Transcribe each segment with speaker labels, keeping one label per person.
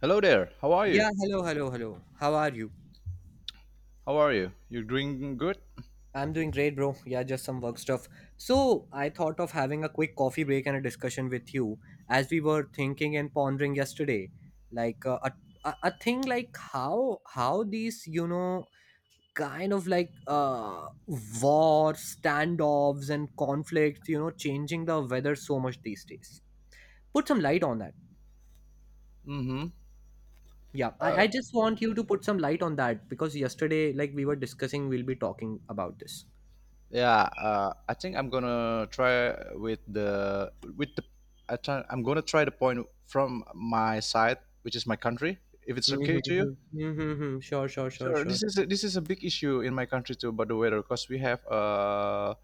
Speaker 1: Hello there. How are you?
Speaker 2: Yeah, hello, hello, hello. How are you?
Speaker 1: How are you? You're doing good?
Speaker 2: I'm doing great, bro. Yeah, just some work stuff. So, I thought of having a quick coffee break and a discussion with you as we were thinking and pondering yesterday. Like a thing like how these, kind of like wars, standoffs and conflicts, changing the weather so much these days. Put some light on that.
Speaker 1: Mm-hmm.
Speaker 2: Yeah, I just want you to put some light on that because yesterday, like we were discussing, we'll be talking about this.
Speaker 1: Yeah, I think I'm gonna try with the I'm gonna try the point from my side, which is my country, if it's
Speaker 2: Mhm,
Speaker 1: okay to you.
Speaker 2: mhm, mhm, mhm. Sure, sure, sure,
Speaker 1: Sure.
Speaker 2: sure.
Speaker 1: This is a big issue in my country too about the weather because we have uh,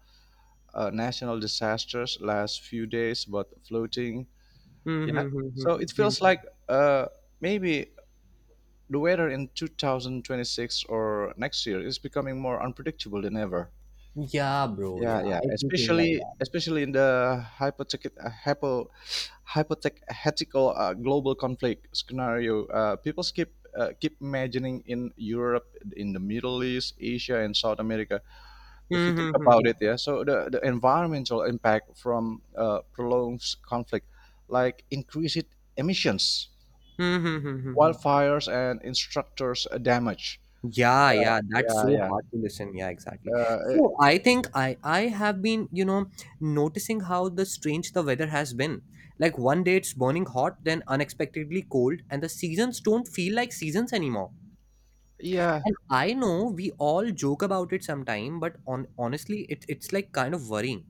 Speaker 1: uh, national disasters last few days about floating.
Speaker 2: Mhm,
Speaker 1: Yeah.
Speaker 2: mhm, mhm,
Speaker 1: So it
Speaker 2: mhm.
Speaker 1: feels like, maybe the weather in 2026 or next year is becoming more unpredictable than ever.
Speaker 2: Yeah, bro.
Speaker 1: Yeah,
Speaker 2: Yeah,
Speaker 1: yeah,
Speaker 2: I do think like
Speaker 1: especially
Speaker 2: that.
Speaker 1: especially in the hypothetical global conflict scenario, people keep imagining in Europe, in the Middle East, Asia, and South America. If you
Speaker 2: Mhm,
Speaker 1: think
Speaker 2: mhm,
Speaker 1: about
Speaker 2: mhm.
Speaker 1: it, yeah. So the environmental impact from prolonged conflict, like increased emissions,
Speaker 2: Mhm, mhm, mhm, mhm.
Speaker 1: wildfires, and instructors damage.
Speaker 2: Yeah, yeah, that's
Speaker 1: Yeah,
Speaker 2: so
Speaker 1: yeah.
Speaker 2: hard to listen. Yeah, exactly.
Speaker 1: Uh, eh,
Speaker 2: So I think I have been, noticing how the strange the weather has been. Like one day it's burning hot, then unexpectedly cold, and the seasons don't feel like seasons anymore.
Speaker 1: yeah,
Speaker 2: And I know we all joke about it sometime, but on honestly, it's like kind of worrying.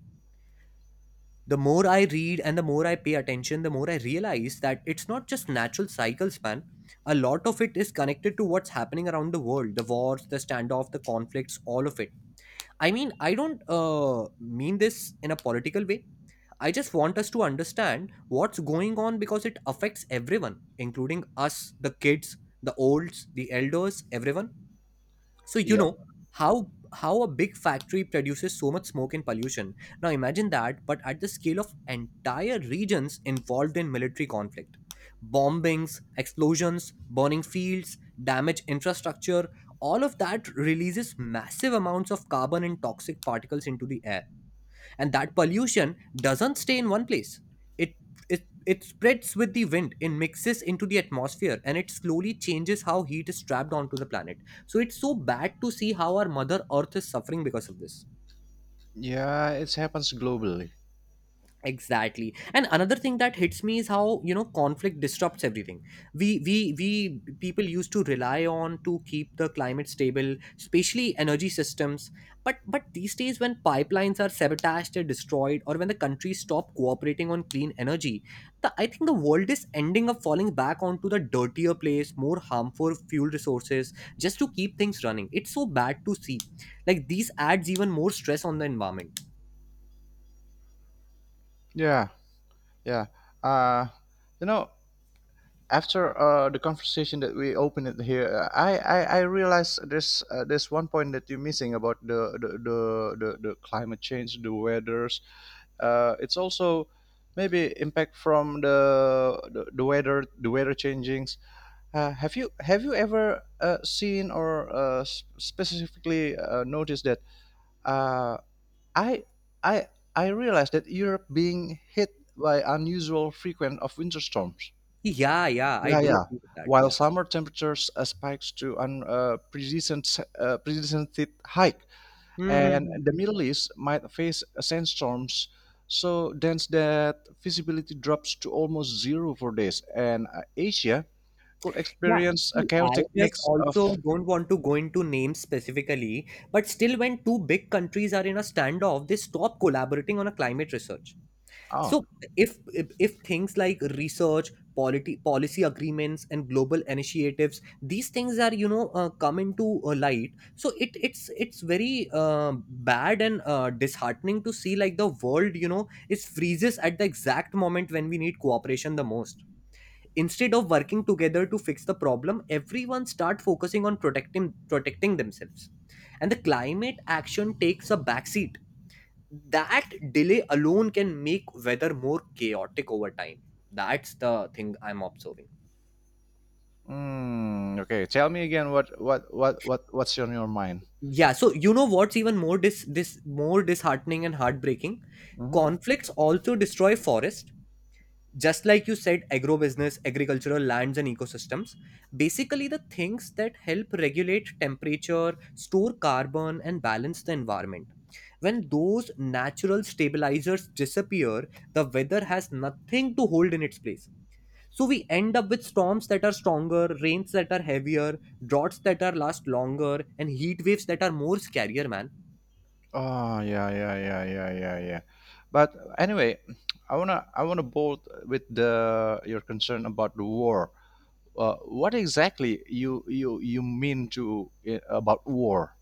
Speaker 2: The more I read and the more I pay attention, the more I realize that it's not just natural cycles, man. A lot of it is connected to what's happening around the world, the wars, the standoff, the conflicts, all of it. I mean, I don't mean this in a political way. I just want us to understand what's going on because it affects everyone, including us, the kids, the olds, the elders, everyone. So you
Speaker 1: yeah,
Speaker 2: know how how a big factory produces so much smoke and pollution. Now imagine that, but at the scale of entire regions involved in military conflict: bombings, explosions, burning fields, damaged infrastructure. All of that releases massive amounts of carbon and toxic particles into the air, and that pollution doesn't stay in one place. It it it spreads with the wind, it mixes into the atmosphere, and it slowly changes how heat is trapped onto the planet. So it's so bad to see how our mother earth is suffering because of this.
Speaker 1: yeah. It happens globally.
Speaker 2: Exactly. And another thing that hits me is how, conflict disrupts everything we people used to rely on to keep the climate stable, especially energy systems. But these days, when pipelines are sabotaged or destroyed, or when the countries stop cooperating on clean energy, I think the world is ending up falling back onto the dirtier place, more harmful fuel resources, just to keep things running. It's so bad to see, like these adds even more stress on the environment.
Speaker 1: Yeah, yeah. Uh, you know, after the conversation that we opened it here, I realized there's one point that you're missing about the climate change, the weathers. It's also maybe impact from the weather changings. Have you ever seen or specifically noticed that? uh, I I I realized that Europe being hit by unusual frequent of winter storms.
Speaker 2: Yeah, yeah, I
Speaker 1: Yeah,
Speaker 2: do
Speaker 1: yeah.
Speaker 2: agree with that.
Speaker 1: While
Speaker 2: Yeah.
Speaker 1: summer temperatures spikes to an precedented hike,
Speaker 2: Hmm, hmm,
Speaker 1: and
Speaker 2: hmm,
Speaker 1: the
Speaker 2: hmm.
Speaker 1: Middle East might face sandstorms so dense that visibility drops to almost zero for days, and Asia could
Speaker 2: Yeah,
Speaker 1: experience a
Speaker 2: see, I
Speaker 1: chaotic
Speaker 2: just
Speaker 1: mix of.
Speaker 2: also don't want to go into names specifically, but still, when two big countries are in a standoff, they stop collaborating on a climate research.
Speaker 1: Oh.
Speaker 2: So, if things like research, policy agreements, and global initiatives, these things are come into light, so it's very bad and disheartening to see, like the world, is freezes at the exact moment when we need cooperation the most. Instead of working together to fix the problem, everyone start focusing on protecting themselves, and the climate action takes a backseat. That delay alone can make weather more chaotic over time. That's the thing I'm observing.
Speaker 1: Hmm, okay, tell me again what's on your mind?
Speaker 2: Yeah, so you know what's even more dis this more disheartening and heartbreaking: conflicts also destroy forests. Just like you said, agrobusiness agricultural lands and ecosystems, basically the things that help regulate temperature, store carbon, and balance the environment. When those natural stabilizers disappear, the weather has nothing to hold in its place, so we end up with storms that are stronger, rains that are heavier, droughts that are last longer, and heat waves that are more scarier, man.
Speaker 1: Oh, yeah, yeah, yeah, yeah, yeah, yeah. But anyway, I wanna bolt with the your concern about the war. What exactly you mean about war?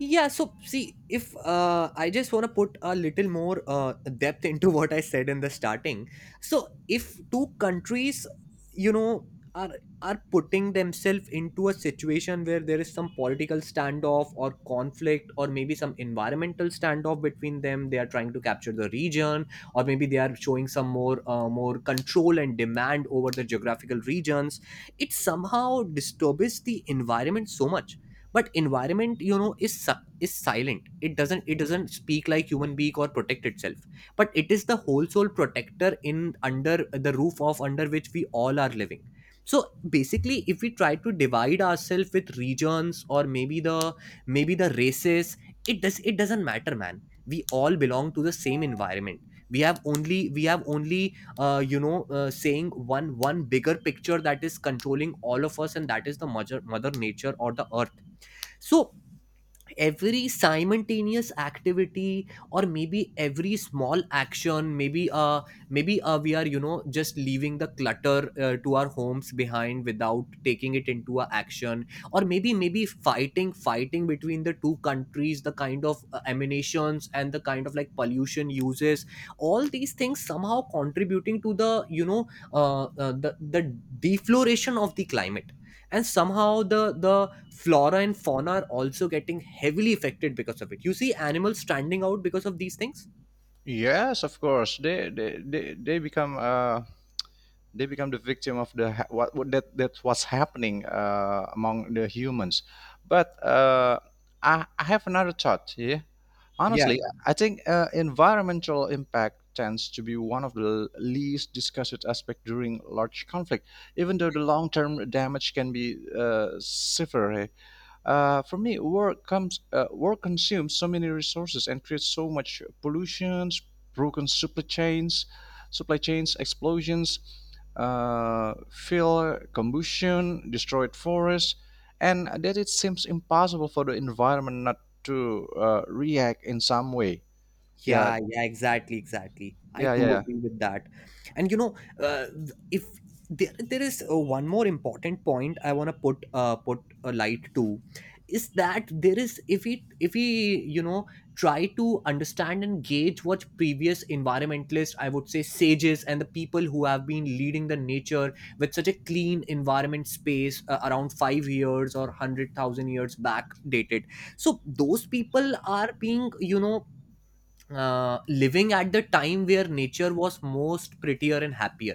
Speaker 2: Yeah, so see, if I just want to put a little more depth into what I said in the starting. So, if two countries, you know, are are putting themselves into a situation where there is some political standoff or conflict, or maybe some environmental standoff between them, they are trying to capture the region, or maybe they are showing some more control and demand over the geographical regions. It somehow disturbs the environment so much, but environment, is silent. It doesn't speak like human being or protect itself. But it is the whole soul protector, in under the roof of under which we all are living. So basically, if we try to divide ourselves with regions, or maybe the races, it doesn't matter, man. We all belong to the same environment. We have only saying one bigger picture that is controlling all of us, and that is the mother nature or the earth. So every simultaneous activity, or maybe every small action, maybe maybe we are just leaving the clutter to our homes behind without taking it into a action. Or maybe fighting between the two countries, the kind of emanations and the kind of like pollution uses. All these things somehow contributing to the the defloration of the climate, and somehow the flora and fauna are also getting heavily affected because of it. You see animals stranding out because of these things.
Speaker 1: Yes, of course. They become the victim of what that that's what's happening among the humans, but I have another thought here
Speaker 2: Yeah.
Speaker 1: honestly. I think environmental impact tends to be one of the least discussed aspect during large conflict, even though the long-term damage can be severe. For me, work consumes so many resources and creates so much pollutions, broken supply chains, explosions, fuel combustion, destroyed forests, and that it seems impossible for the environment not to react in some way. Yeah,
Speaker 2: Yeah, yeah, exactly, exactly. I
Speaker 1: yeah, yeah,
Speaker 2: too
Speaker 1: yeah,
Speaker 2: agree with that. And you know, if there is one more important point I want to put a light to, is that there is, if we try to understand and gauge what previous environmentalists, I would say sages, and the people who have been leading the nature with such a clean environment space, around 5 years or 100,000 years back dated. So those people are being living at the time where nature was most prettier and happier.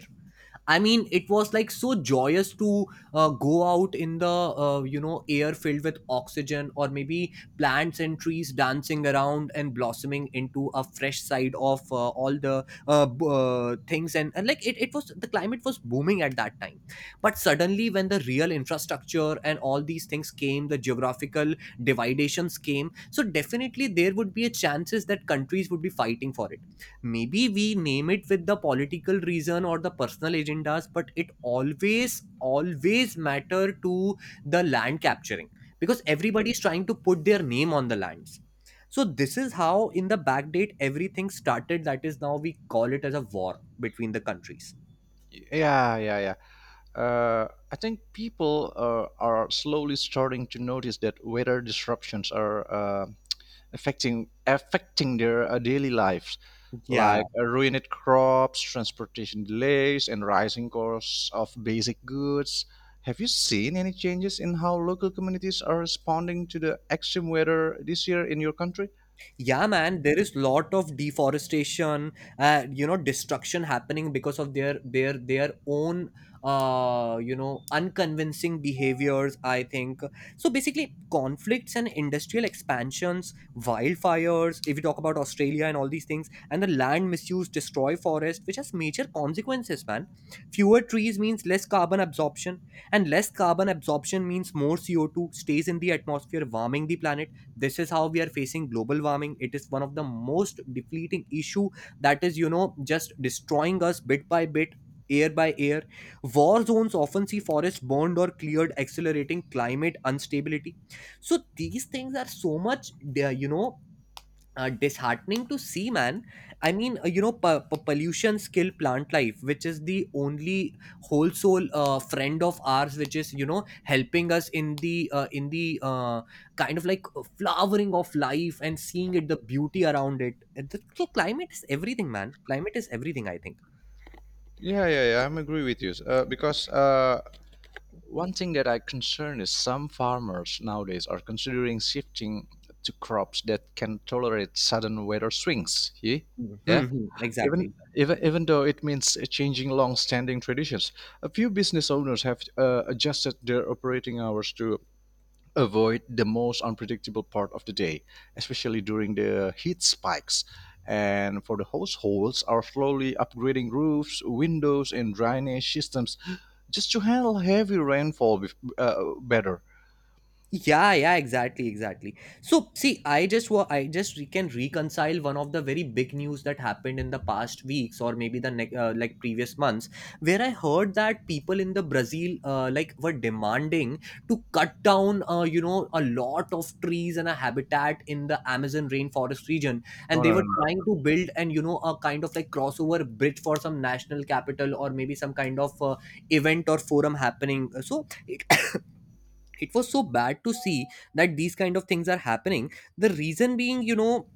Speaker 2: I mean, it was like so joyous to go out in the air filled with oxygen, or maybe plants and trees dancing around and blossoming into a fresh side of all the things, and like it was, the climate was booming at that time. But suddenly, when the real infrastructure and all these things came, the geographical dividations came. So definitely, there would be a chances that countries would be fighting for it. Maybe we name it with the political reason or the personal agendas, but it always matter to the land capturing, because everybody is trying to put their name on the lands. So this is how in the backdate everything started that is now we call it as a war between the countries.
Speaker 1: yeah, yeah. Yeah. I think people are slowly starting to notice that weather disruptions are affecting their daily lives,
Speaker 2: Yeah,
Speaker 1: like ruined crops, transportation delays, and rising costs of basic goods. Have you seen any changes in how local communities are responding to the extreme weather this year in your country?
Speaker 2: yeah, man, there is lot of deforestation, destruction happening because of their own, unconvincing behaviors, I think. So basically, conflicts and industrial expansions, wildfires if you talk about Australia and all these things, and the land misuse, destroy forest, which has major consequences, man. Fewer trees means less carbon absorption, and less carbon absorption means more CO2 stays in the atmosphere, warming the planet. This is how we are facing global warming. It is one of the most depleting issue that is just destroying us bit by bit, air by air. War zones often see forests burned or cleared, accelerating climate instability. So these things are so much, they are, disheartening to see, man. I mean, pollution skill plant life, which is the only whole soul friend of ours, which is helping us in the kind of like flowering of life and seeing it, the beauty around it. So climate is everything, man, climate is everything, I think.
Speaker 1: Yeah, yeah, yeah. I'm agree with you. Because One thing that I concern is some farmers nowadays are considering shifting to crops that can tolerate sudden weather swings.
Speaker 2: Hmm, hmm,
Speaker 1: Yeah,
Speaker 2: hmm,
Speaker 1: even
Speaker 2: exactly.
Speaker 1: even even though it means changing long-standing traditions, a few business owners have adjusted their operating hours to avoid the most unpredictable part of the day, especially during the heat spikes. And for the households, are slowly upgrading roofs, windows, and drainage systems just to handle heavy rainfall better.
Speaker 2: Yeah, yeah, exactly, exactly. So see, I can reconcile one of the very big news that happened in the past weeks, or maybe the like previous months, where I heard that people in the Brazil, like, were demanding to cut down you know, a lot of trees and a habitat in the Amazon rainforest region, and
Speaker 1: No,
Speaker 2: they
Speaker 1: no, no,
Speaker 2: were
Speaker 1: no.
Speaker 2: trying to build, and a kind of like crossover bridge for some national capital or maybe some kind of event or forum happening. So it was so bad to see that these kind of things are happening. The reason being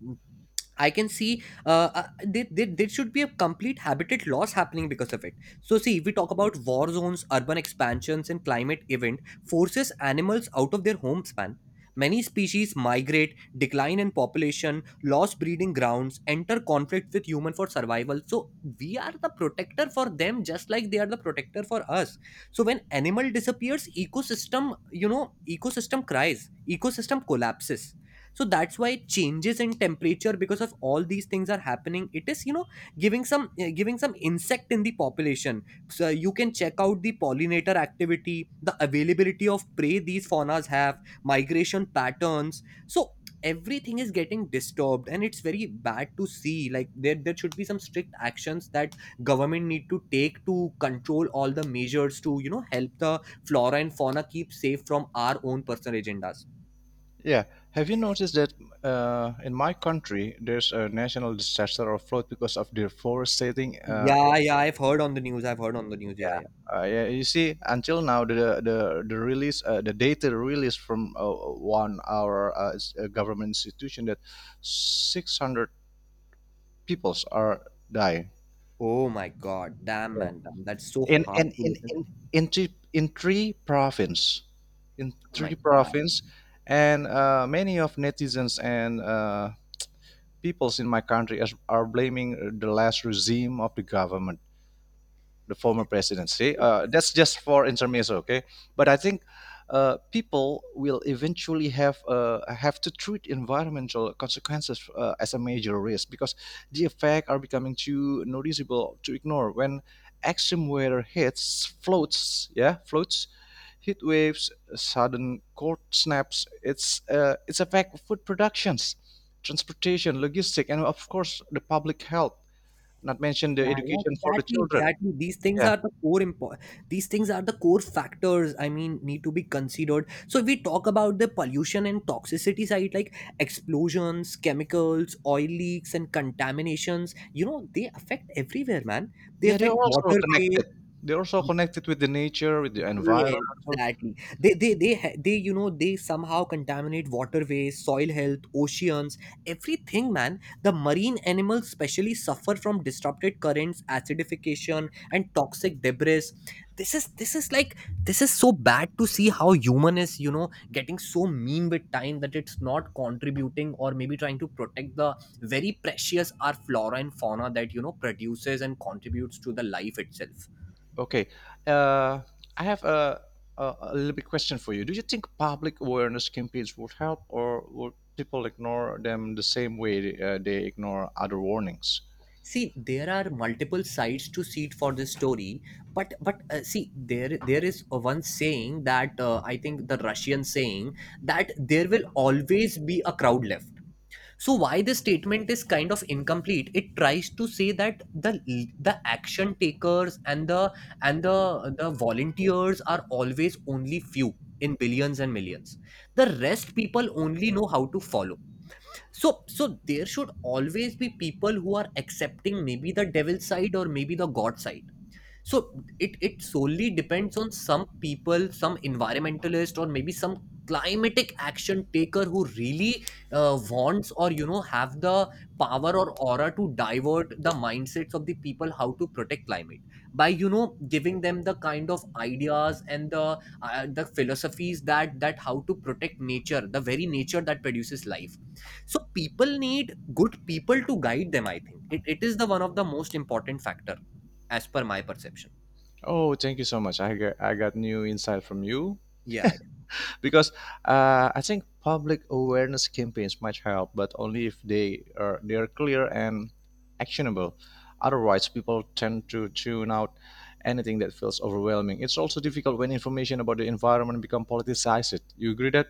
Speaker 2: I can see, there should be a complete habitat loss happening because of it. So, see, if we talk about war zones, urban expansions, and climate event forces animals out of their home span. Many species migrate, decline in population, loss breeding grounds, enter conflict with human for survival. So we are the protector for them, just like they are the protector for us. So when animal disappears, ecosystem, you know, ecosystem cries, ecosystem collapses. So that's why changes in temperature because of all these things are happening. It is, you know, giving some insect in the population. So you can check out the pollinator activity, the availability of prey, these faunas have migration patterns. So everything is getting disturbed, and it's very bad to see like there should be some strict actions that government need to take to control all the measures to, you know, help the flora and fauna keep safe from our own personal agendas.
Speaker 1: Yeah. Have you noticed that in my country, there's a national disaster or flood because of deforestation?
Speaker 2: Yeah, yeah, I've heard on the news. I've heard on the news. Yeah, yeah.
Speaker 1: Yeah, you see, until now, the data release from one our government institution that 600 peoples are die.
Speaker 2: Oh my God, damn
Speaker 1: Yeah.
Speaker 2: man, damn. That's so
Speaker 1: in
Speaker 2: hard
Speaker 1: in
Speaker 2: to
Speaker 1: in
Speaker 2: listen.
Speaker 1: in in three, in three province, in
Speaker 2: Oh my
Speaker 1: three
Speaker 2: God.
Speaker 1: province, and many of netizens and peoples in my country as, are blaming the last regime of the government, the former presidency. That's just for intermezzo, okay? But I think people will eventually have have to treat environmental consequences as a major risk because the effects are becoming too noticeable to ignore. When extreme weather hits, floats, yeah, floats, heat waves, sudden cold snaps, it's affect food productions, transportation, logistic, and of course the public health. Not mention the
Speaker 2: Yeah, yeah,
Speaker 1: education for the
Speaker 2: exactly,
Speaker 1: children.
Speaker 2: exactly. These things
Speaker 1: Yeah.
Speaker 2: are the core important. These things are the core factors. I mean, need to be considered. So if we talk about the pollution and toxicity side, like explosions, chemicals, oil leaks, and contaminations. You know, they affect everywhere, man. They
Speaker 1: Yeah, they're
Speaker 2: affect
Speaker 1: also
Speaker 2: waterways.
Speaker 1: connected. They're also connected with the nature, with the
Speaker 2: Yeah,
Speaker 1: environmental.
Speaker 2: exactly. They, you know, they somehow contaminate waterways, soil health, oceans, everything, man. The marine animals especially suffer from disrupted currents, acidification, and toxic debris. This is, this is like, this is so bad to see how human is, you know, getting so mean with time that it's not contributing or maybe trying to protect the very precious our flora and fauna that, you know, produces and contributes to the life itself.
Speaker 1: Okay, uh, I have a little bit question for you. Do you think public awareness campaigns would help, or would people ignore them the same way they ignore other warnings?
Speaker 2: See, there are multiple sides to seed for this story, but see, there is one saying that, I think the Russian saying, that there will always be a crowd left. So why this statement is kind of incomplete. It tries to say that the action takers and the, and the volunteers are always only few in billions and millions. The rest people only know how to follow. So there should always be people who are accepting maybe the devil side or maybe the god side. So it solely depends on some people, some environmentalist or maybe some climatic action taker who really, wants or, you know, have the power or aura to divert the mindsets of the people how to protect climate by, you know, giving them the kind of ideas and the, the philosophies that, that how to protect nature, the very nature that produces life. So people need good people to guide them. I think it is the one of the most important factor, as per my perception.
Speaker 1: Oh, thank you so much. I got new insight from you
Speaker 2: Yeah, yeah.
Speaker 1: because I think public awareness campaigns might help, but only if they are clear and actionable. Otherwise, people tend to tune out anything that feels overwhelming. It's also difficult when information about the environment become politicized. You agree that?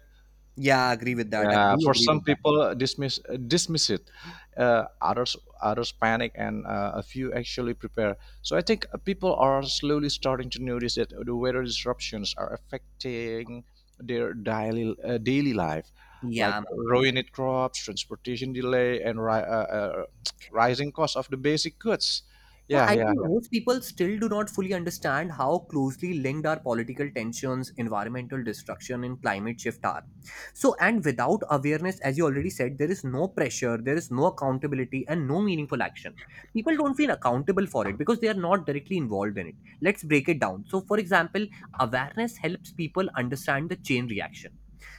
Speaker 2: Yeah, I agree with that. I
Speaker 1: Yeah,
Speaker 2: do
Speaker 1: for
Speaker 2: agree
Speaker 1: some
Speaker 2: with that.
Speaker 1: people dismiss it, uh, others others panic, and a few actually prepare. So I think people are slowly starting to notice that the weather disruptions are affecting their daily life, like
Speaker 2: Yeah, man, yeah.
Speaker 1: ruined crops, transportation delay, and rising cost of the basic goods.
Speaker 2: Yeah,
Speaker 1: Yeah,
Speaker 2: I
Speaker 1: yeah.
Speaker 2: think most people still do not fully understand how closely linked our political tensions, environmental destruction, and climate shift are. So, and without awareness, as you already said, there is no pressure, there is no accountability, and no meaningful action. People don't feel accountable for it because they are not directly involved in it. Let's break it down. So, for example, awareness helps people understand the chain reaction.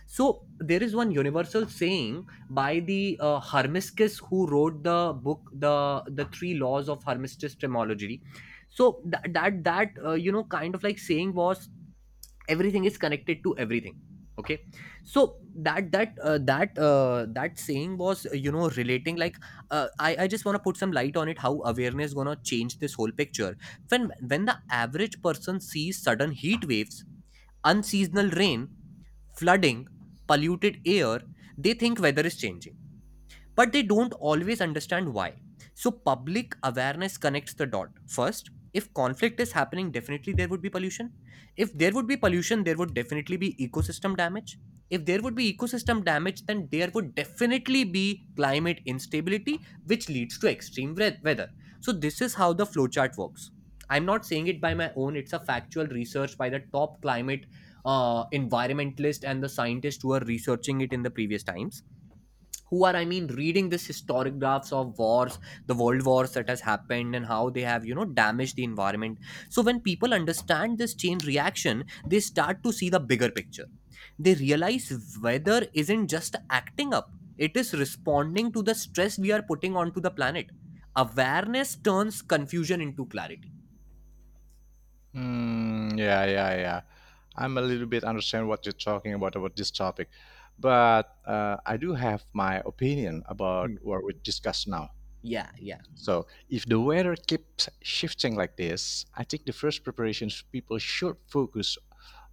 Speaker 2: So there is one universal saying by the Hermiscus, who wrote the book, the three laws of Hermiscus Tremology. So that you know, kind of like saying was, everything is connected to everything. Okay, so that saying was, you know, relating like, I just want to put some light on it, how awareness gonna change this whole picture. When the average person sees sudden heat waves, unseasonal rain, flooding, polluted air, they think weather is changing, but they don't always understand why. So, public awareness connects the dot. First, if conflict is happening, definitely there would be pollution. If there would be pollution, there would definitely be ecosystem damage. If there would be ecosystem damage, then there would definitely be climate instability, which leads to extreme weather. So, this is how the flowchart works. I'm not saying it by my own, it's a factual research by the top climate, environmentalist and the scientists who are researching it in the previous times, who are, I mean, reading this historiographs of wars, the world wars that has happened and how they have, you know, damaged the environment. So when people understand this chain reaction, they start to see the bigger picture. They realize weather isn't just acting up, it is responding to the stress we are putting onto the planet. Awareness turns confusion into clarity.
Speaker 1: Mm, yeah, yeah, yeah. I'm a little bit understand what you're talking about this topic, but I do have my opinion about
Speaker 2: Hmm.
Speaker 1: what we discussed now.
Speaker 2: Yeah, yeah.
Speaker 1: So, if the weather keeps shifting like this, I think the first preparations people should focus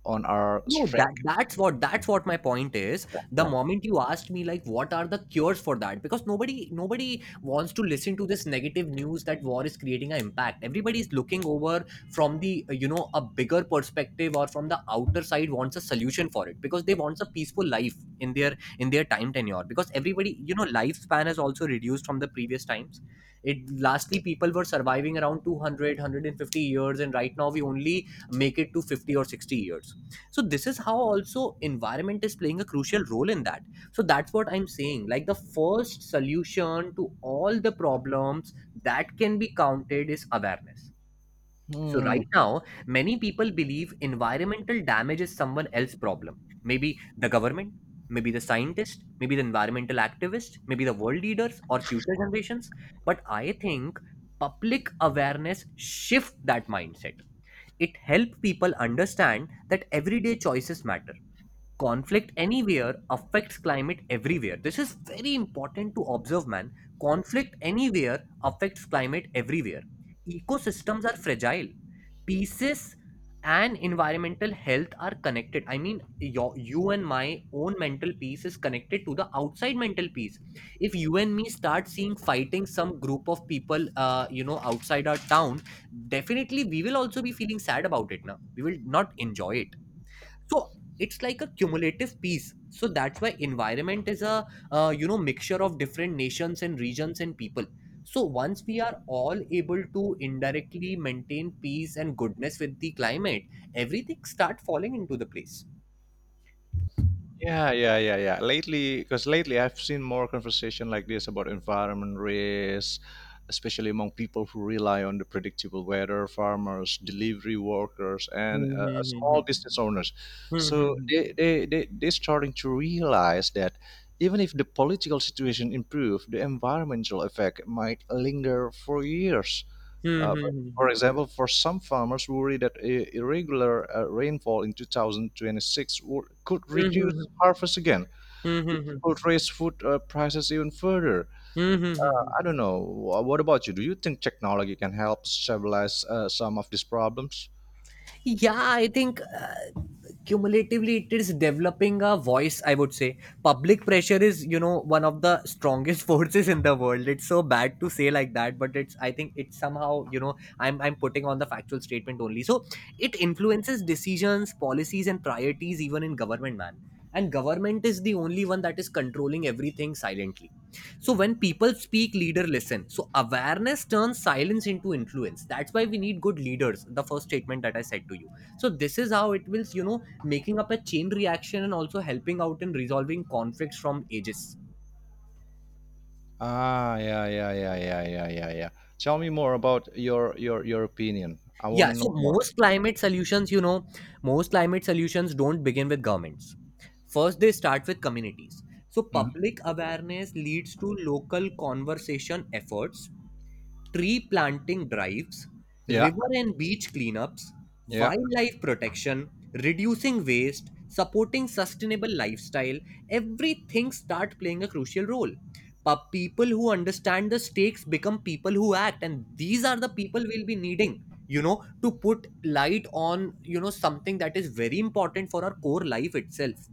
Speaker 1: on our
Speaker 2: No, that
Speaker 1: strength.
Speaker 2: that's what that's what my point is. The
Speaker 1: Yeah.
Speaker 2: moment you asked me like, what are the cures for that? Because nobody wants to listen to this negative news that war is creating an impact. Everybody is looking over from the, you know, a bigger perspective, or from the outer side wants a solution for it, because they wants a peaceful life in their, in their time tenure, because everybody, you know, lifespan has also reduced from the previous times. It, lastly, people were surviving around 200 years, and right now we only make it to 50 or 60 years. So this is how also environment is playing a crucial role in that. So that's what I'm saying, like the first solution to all the problems that can be counted is awareness. So
Speaker 1: Hmm.
Speaker 2: right now, many people believe environmental damage is someone else's problem. Maybe the government, maybe the scientist, maybe the environmental activist, maybe the world leaders or future generations. But I think public awareness shift that mindset. It helps people understand that everyday choices matter. Conflict anywhere affects climate everywhere. This is very important to observe, man. Conflict anywhere affects climate everywhere. Ecosystems are fragile pieces, and environmental health are connected. I mean, your, you and my own mental peace is connected to the outside mental peace. If you and me start seeing fighting some group of people, you know, outside our town, definitely we will also be feeling sad about it, now we will not enjoy it. So it's like a cumulative piece. So that's why environment is a, you know, mixture of different nations and regions and people. So once we are all able to indirectly maintain peace and goodness with the climate, everything start falling into the place.
Speaker 1: Yeah, yeah, yeah, yeah. Lately, because lately I've seen more conversation like this about environment risks, especially among people who rely on the predictable weather, farmers, delivery workers, and small
Speaker 2: Hmm.
Speaker 1: business owners.
Speaker 2: Hmm.
Speaker 1: So
Speaker 2: Hmm.
Speaker 1: they starting to realize that even if the political situation improve, the environmental effect might linger for years.
Speaker 2: Hmm.
Speaker 1: But
Speaker 2: Hmm.
Speaker 1: for example, for some farmers worry that irregular rainfall in 2026 could
Speaker 2: Hmm. Hmm.
Speaker 1: reduce harvest again,
Speaker 2: Hmm. Hmm. Hmm.
Speaker 1: which
Speaker 2: Hmm. Hmm, hmm.
Speaker 1: could raise food prices even further.
Speaker 2: Hmm, hmm, hmm, hmm.
Speaker 1: I don't know. What about you? Do you think technology can help stabilize some of these problems?
Speaker 2: Yeah, I think, cumulatively it is developing a voice, I would say. Public pressure is, you know, one of the strongest forces in the world. It's so bad to say like that, but it's, I think it's somehow, you know, I'm putting on the factual statement only. So it influences decisions, policies, and priorities, even in government, man. And government is the only one that is controlling everything silently. So when people speak, leader listen. So awareness turns silence into influence. That's why we need good leaders. The first statement that I said to you. So this is how it will, you know, making up a chain reaction and also helping out in resolving conflicts from ages.
Speaker 1: Ah, yeah, yeah, yeah, yeah, yeah, yeah, yeah. Tell me more about your opinion. I want
Speaker 2: Yeah.
Speaker 1: to
Speaker 2: So
Speaker 1: know more.
Speaker 2: most climate solutions, you know, most climate solutions don't begin with governments. First, they start with communities. So
Speaker 1: Mhm.
Speaker 2: public awareness leads to local conversation efforts, tree planting drives,
Speaker 1: Yeah,
Speaker 2: river and beach cleanups,
Speaker 1: yeah,
Speaker 2: wildlife protection, reducing waste, supporting sustainable lifestyle, everything start playing a crucial role. But people who understand the stakes become people who act, and these are the people we'll be needing, you know, to put light on, you know, something that is very important for our core life itself.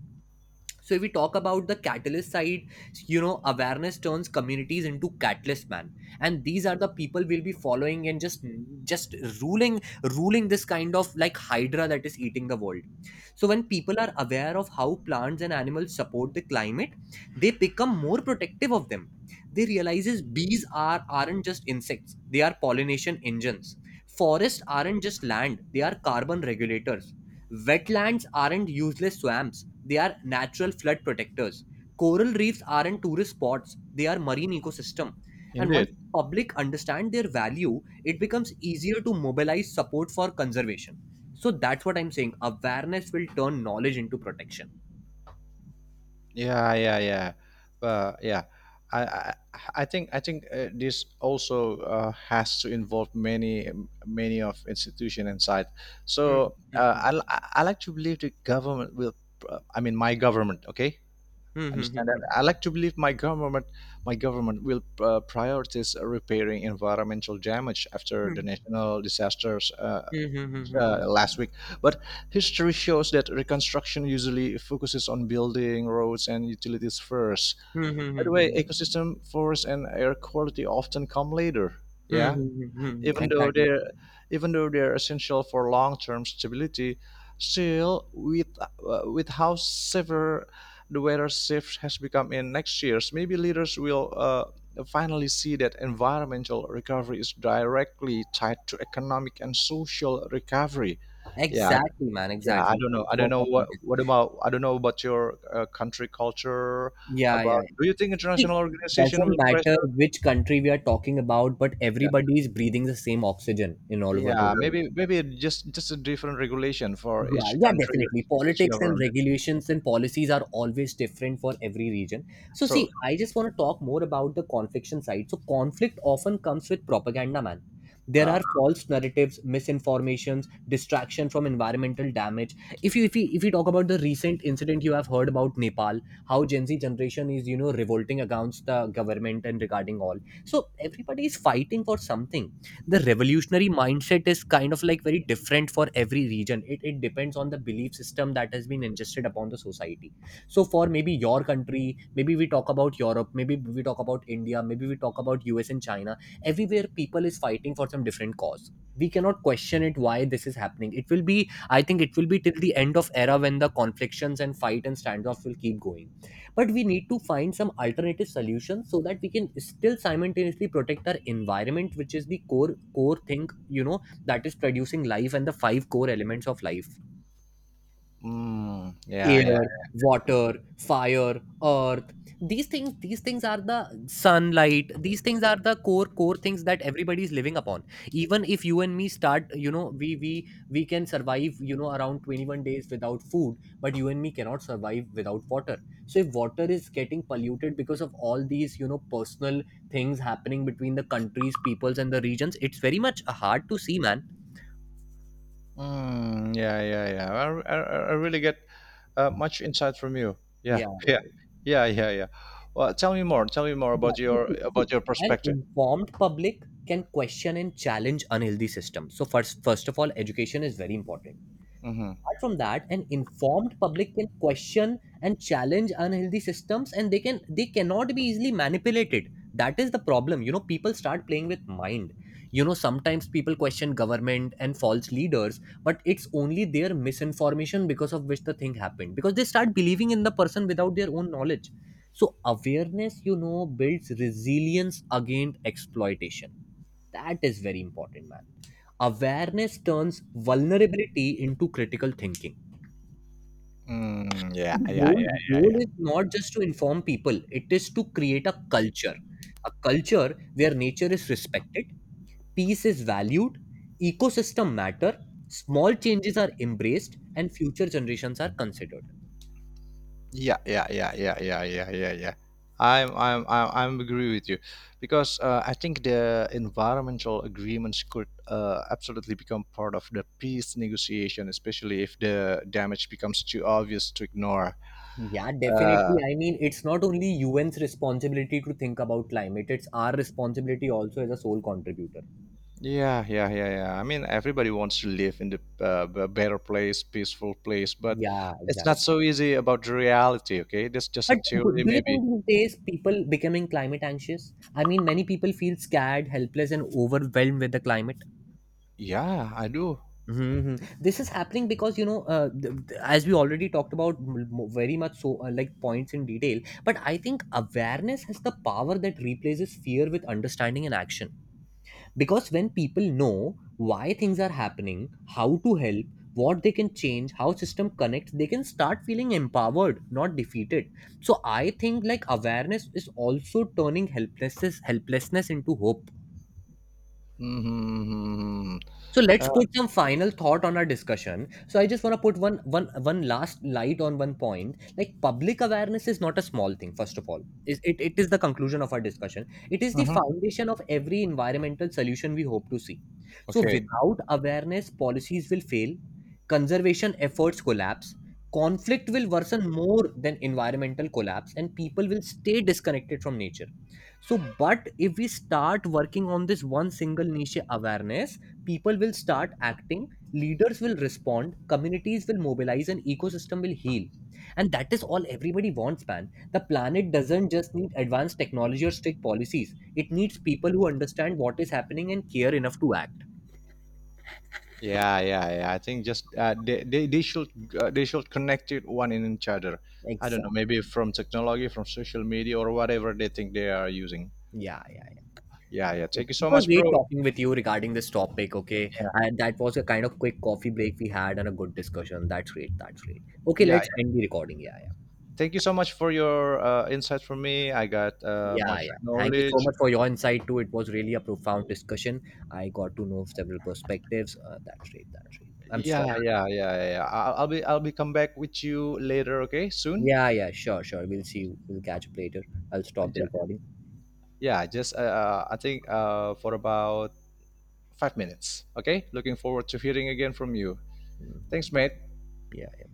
Speaker 2: So if we talk about the catalyst side, you know, awareness turns communities into catalyst, man. And these are the people we'll be following, and just ruling, ruling this kind of like hydra that is eating the world. So when people are aware of how plants and animals support the climate, they become more protective of them. They realizes bees are aren't just insects; they are pollination engines. Forests aren't just land; they are carbon regulators. Wetlands aren't useless swamps; they are natural flood protectors. Coral reefs aren't tourist spots; they are marine ecosystem. And once
Speaker 1: indeed.
Speaker 2: the public understand their value, it becomes easier to mobilize support for conservation. So that's what I'm saying. Awareness will turn knowledge into protection.
Speaker 1: Yeah, yeah, yeah. But yeah, I, I, I think this also has to involve many of institution inside.
Speaker 2: Hmm,
Speaker 1: So
Speaker 2: hmm,
Speaker 1: uh,
Speaker 2: hmm.
Speaker 1: I, li- I like to believe the government will. I mean, my government. Okay,
Speaker 2: Hmm, hmm, hmm,
Speaker 1: understand that.
Speaker 2: hmm.
Speaker 1: I like to believe my government will prioritize repairing environmental damage after the
Speaker 2: Hmm,
Speaker 1: national disasters.
Speaker 2: hmm, hmm, hmm, hmm.
Speaker 1: Last week. But history shows that reconstruction usually focuses on building, roads, and utilities first.
Speaker 2: Hmm, hmm,
Speaker 1: By
Speaker 2: hmm,
Speaker 1: the way,
Speaker 2: hmm.
Speaker 1: ecosystem, forest, and air quality often come later.
Speaker 2: Hmm,
Speaker 1: Yeah,
Speaker 2: hmm, hmm, hmm, hmm.
Speaker 1: even though
Speaker 2: Exactly.
Speaker 1: they're essential for long-term stability. Still, with how severe the weather shift has become in next years, maybe leaders will finally see that environmental recovery is directly tied to economic and social recovery. Yeah,
Speaker 2: Exactly, man.
Speaker 1: yeah. I
Speaker 2: Exactly.
Speaker 1: don't
Speaker 2: That's
Speaker 1: know. I don't
Speaker 2: what
Speaker 1: know
Speaker 2: my point is.
Speaker 1: what about. I don't know about your country culture.
Speaker 2: Yeah, yeah.
Speaker 1: About,
Speaker 2: Yeah.
Speaker 1: do you think
Speaker 2: See,
Speaker 1: international organization
Speaker 2: doesn't
Speaker 1: will
Speaker 2: matter
Speaker 1: pressure?
Speaker 2: which country we are talking about, but
Speaker 1: Yeah.
Speaker 2: everybody is breathing the same oxygen in all over the
Speaker 1: Yeah,
Speaker 2: world.
Speaker 1: maybe just a different regulation for
Speaker 2: Yeah,
Speaker 1: each
Speaker 2: yeah,
Speaker 1: country,
Speaker 2: definitely.
Speaker 1: each
Speaker 2: Politics and
Speaker 1: government.
Speaker 2: regulations and policies are always different for every region. So, see,
Speaker 1: So,
Speaker 2: I just want to talk more about the confliction side. So, conflict often comes with propaganda, man. There
Speaker 1: uh,
Speaker 2: are false narratives, misinformations, distraction from environmental damage. If we talk about the recent incident, you have heard about Nepal, how Gen Z generation is revolting against the government and regarding all. So everybody is fighting for something. The revolutionary mindset is kind of like very different for every region. It depends on the belief system that has been ingested upon the society. So for maybe your country, maybe we talk about Europe, maybe we talk about India, maybe we talk about US and China. Everywhere people is fighting for some different cause. We cannot question it, why this is happening. It will be, I think it will be till the end of era, when the conflictions and fight and standoff will keep going. But we need to find some alternative solutions so that we can still simultaneously protect our environment, which is the core thing, that is producing life, and the five core elements of life:
Speaker 1: mm, yeah, yeah,
Speaker 2: air, water, fire, earth. These things are the sunlight. These things are the core things that everybody is living upon. Even if you and me start, we can survive, around 21 days without food, but you and me cannot survive without water. So if water is getting polluted because of all these, personal things happening between the countries, peoples and the regions, it's very much hard to see, man.
Speaker 1: mm, yeah, yeah, yeah. I, I I really get much insight from you. Yeah,
Speaker 2: Yeah,
Speaker 1: yeah,
Speaker 2: yeah.
Speaker 1: yeah, yeah, yeah. Well, tell me more. Tell me more
Speaker 2: Yeah, so see,
Speaker 1: about your
Speaker 2: an
Speaker 1: perspective.
Speaker 2: informed public can question and challenge unhealthy systems. So first of all, education is very important.
Speaker 1: Mm-hmm.
Speaker 2: Apart from that, an informed public can question and challenge unhealthy systems, and they cannot be easily manipulated. That is the problem, people start playing with mind. Sometimes people question government and false leaders, but it's only their misinformation because of which the thing happened, because they start believing in the person without their own knowledge. So awareness, builds resilience against exploitation. That is very important, man. Awareness turns vulnerability into critical thinking.
Speaker 1: Mm, yeah,
Speaker 2: The
Speaker 1: yeah,
Speaker 2: goal
Speaker 1: yeah,
Speaker 2: goal
Speaker 1: yeah,
Speaker 2: is not just to inform people, it is to create a culture. A culture where nature is respected, peace is valued, ecosystem matter, small changes are embraced, and future generations are considered.
Speaker 1: Yeah, yeah, yeah, yeah, yeah, yeah, yeah, yeah. I'm agree with you, because I think the environmental agreements could absolutely become part of the peace negotiation, especially if the damage becomes too obvious to ignore.
Speaker 2: Yeah,
Speaker 1: Uh,
Speaker 2: definitely. I mean, it's not only UN's responsibility to think about climate, it's our responsibility also as a sole contributor.
Speaker 1: yeah, yeah, yeah, yeah. I mean, everybody wants to live in the better place, peaceful place, but
Speaker 2: Yeah,
Speaker 1: it's not
Speaker 2: exactly.
Speaker 1: so easy about the reality. Okay, that's just a
Speaker 2: But
Speaker 1: theory,
Speaker 2: do you
Speaker 1: maybe.
Speaker 2: think these days people becoming climate anxious? I mean, many people feel scared, helpless, and overwhelmed with the climate.
Speaker 1: Yeah, I do.
Speaker 2: Hmm This is happening because as we already talked about very much so, like points in detail. But I think awareness has the power that replaces fear with understanding and action. Because when people know why things are happening, how to help, what they can change, how system connects, they can start feeling empowered, not defeated. So I think like awareness is also turning helplessness into hope.
Speaker 1: Hmm.
Speaker 2: So let's
Speaker 1: Uh,
Speaker 2: put some final thought on our discussion. So I just want to put one last light on one point. Like public awareness is not a small thing, first of all. It is the conclusion of our discussion. It is the
Speaker 1: mhm.
Speaker 2: foundation of every environmental solution we hope to see. So
Speaker 1: Okay.
Speaker 2: without awareness, policies will fail, conservation efforts collapse, conflict will worsen more than environmental collapse, and people will stay disconnected from nature. So, but if we start working on this one single niche awareness, people will start acting, leaders will respond, communities will mobilize, and ecosystem will heal. And that is all everybody wants, man. The planet doesn't just need advanced technology or strict policies, it needs people who understand what is happening and care enough to act.
Speaker 1: Yeah, yeah, yeah. I think just they should connect it one in each other. I don't know,
Speaker 2: Exactly.
Speaker 1: maybe from technology, from social media, or whatever they think they are using.
Speaker 2: Yeah, yeah.
Speaker 1: Yeah, yeah. Thank you
Speaker 2: Okay, it
Speaker 1: so
Speaker 2: was
Speaker 1: much,
Speaker 2: great
Speaker 1: bro.
Speaker 2: talking with you regarding this topic. Okay, and that was a kind of quick coffee break we had and a good discussion. That's great. That's great. Okay,
Speaker 1: Yeah,
Speaker 2: let's end
Speaker 1: yeah.
Speaker 2: the recording. Yeah, yeah.
Speaker 1: Thank you so much for your insights for me. I got
Speaker 2: Yeah,
Speaker 1: much
Speaker 2: yeah. Thank you so
Speaker 1: knowledge.
Speaker 2: much for your insight too. It was really a profound discussion. I got to know several perspectives. That's great. That's great. I'm
Speaker 1: Yeah,
Speaker 2: stopping.
Speaker 1: yeah, yeah, yeah. I'll be come back with you later. Okay, soon.
Speaker 2: Yeah, yeah. Sure, sure. We'll see you. We'll catch up later. I'll
Speaker 1: Uh,
Speaker 2: stop the
Speaker 1: ju-
Speaker 2: recording.
Speaker 1: Yeah, just I think for about 5 minutes. Okay, looking forward to hearing again from you. Thanks, mate.
Speaker 2: Yeah. Yeah.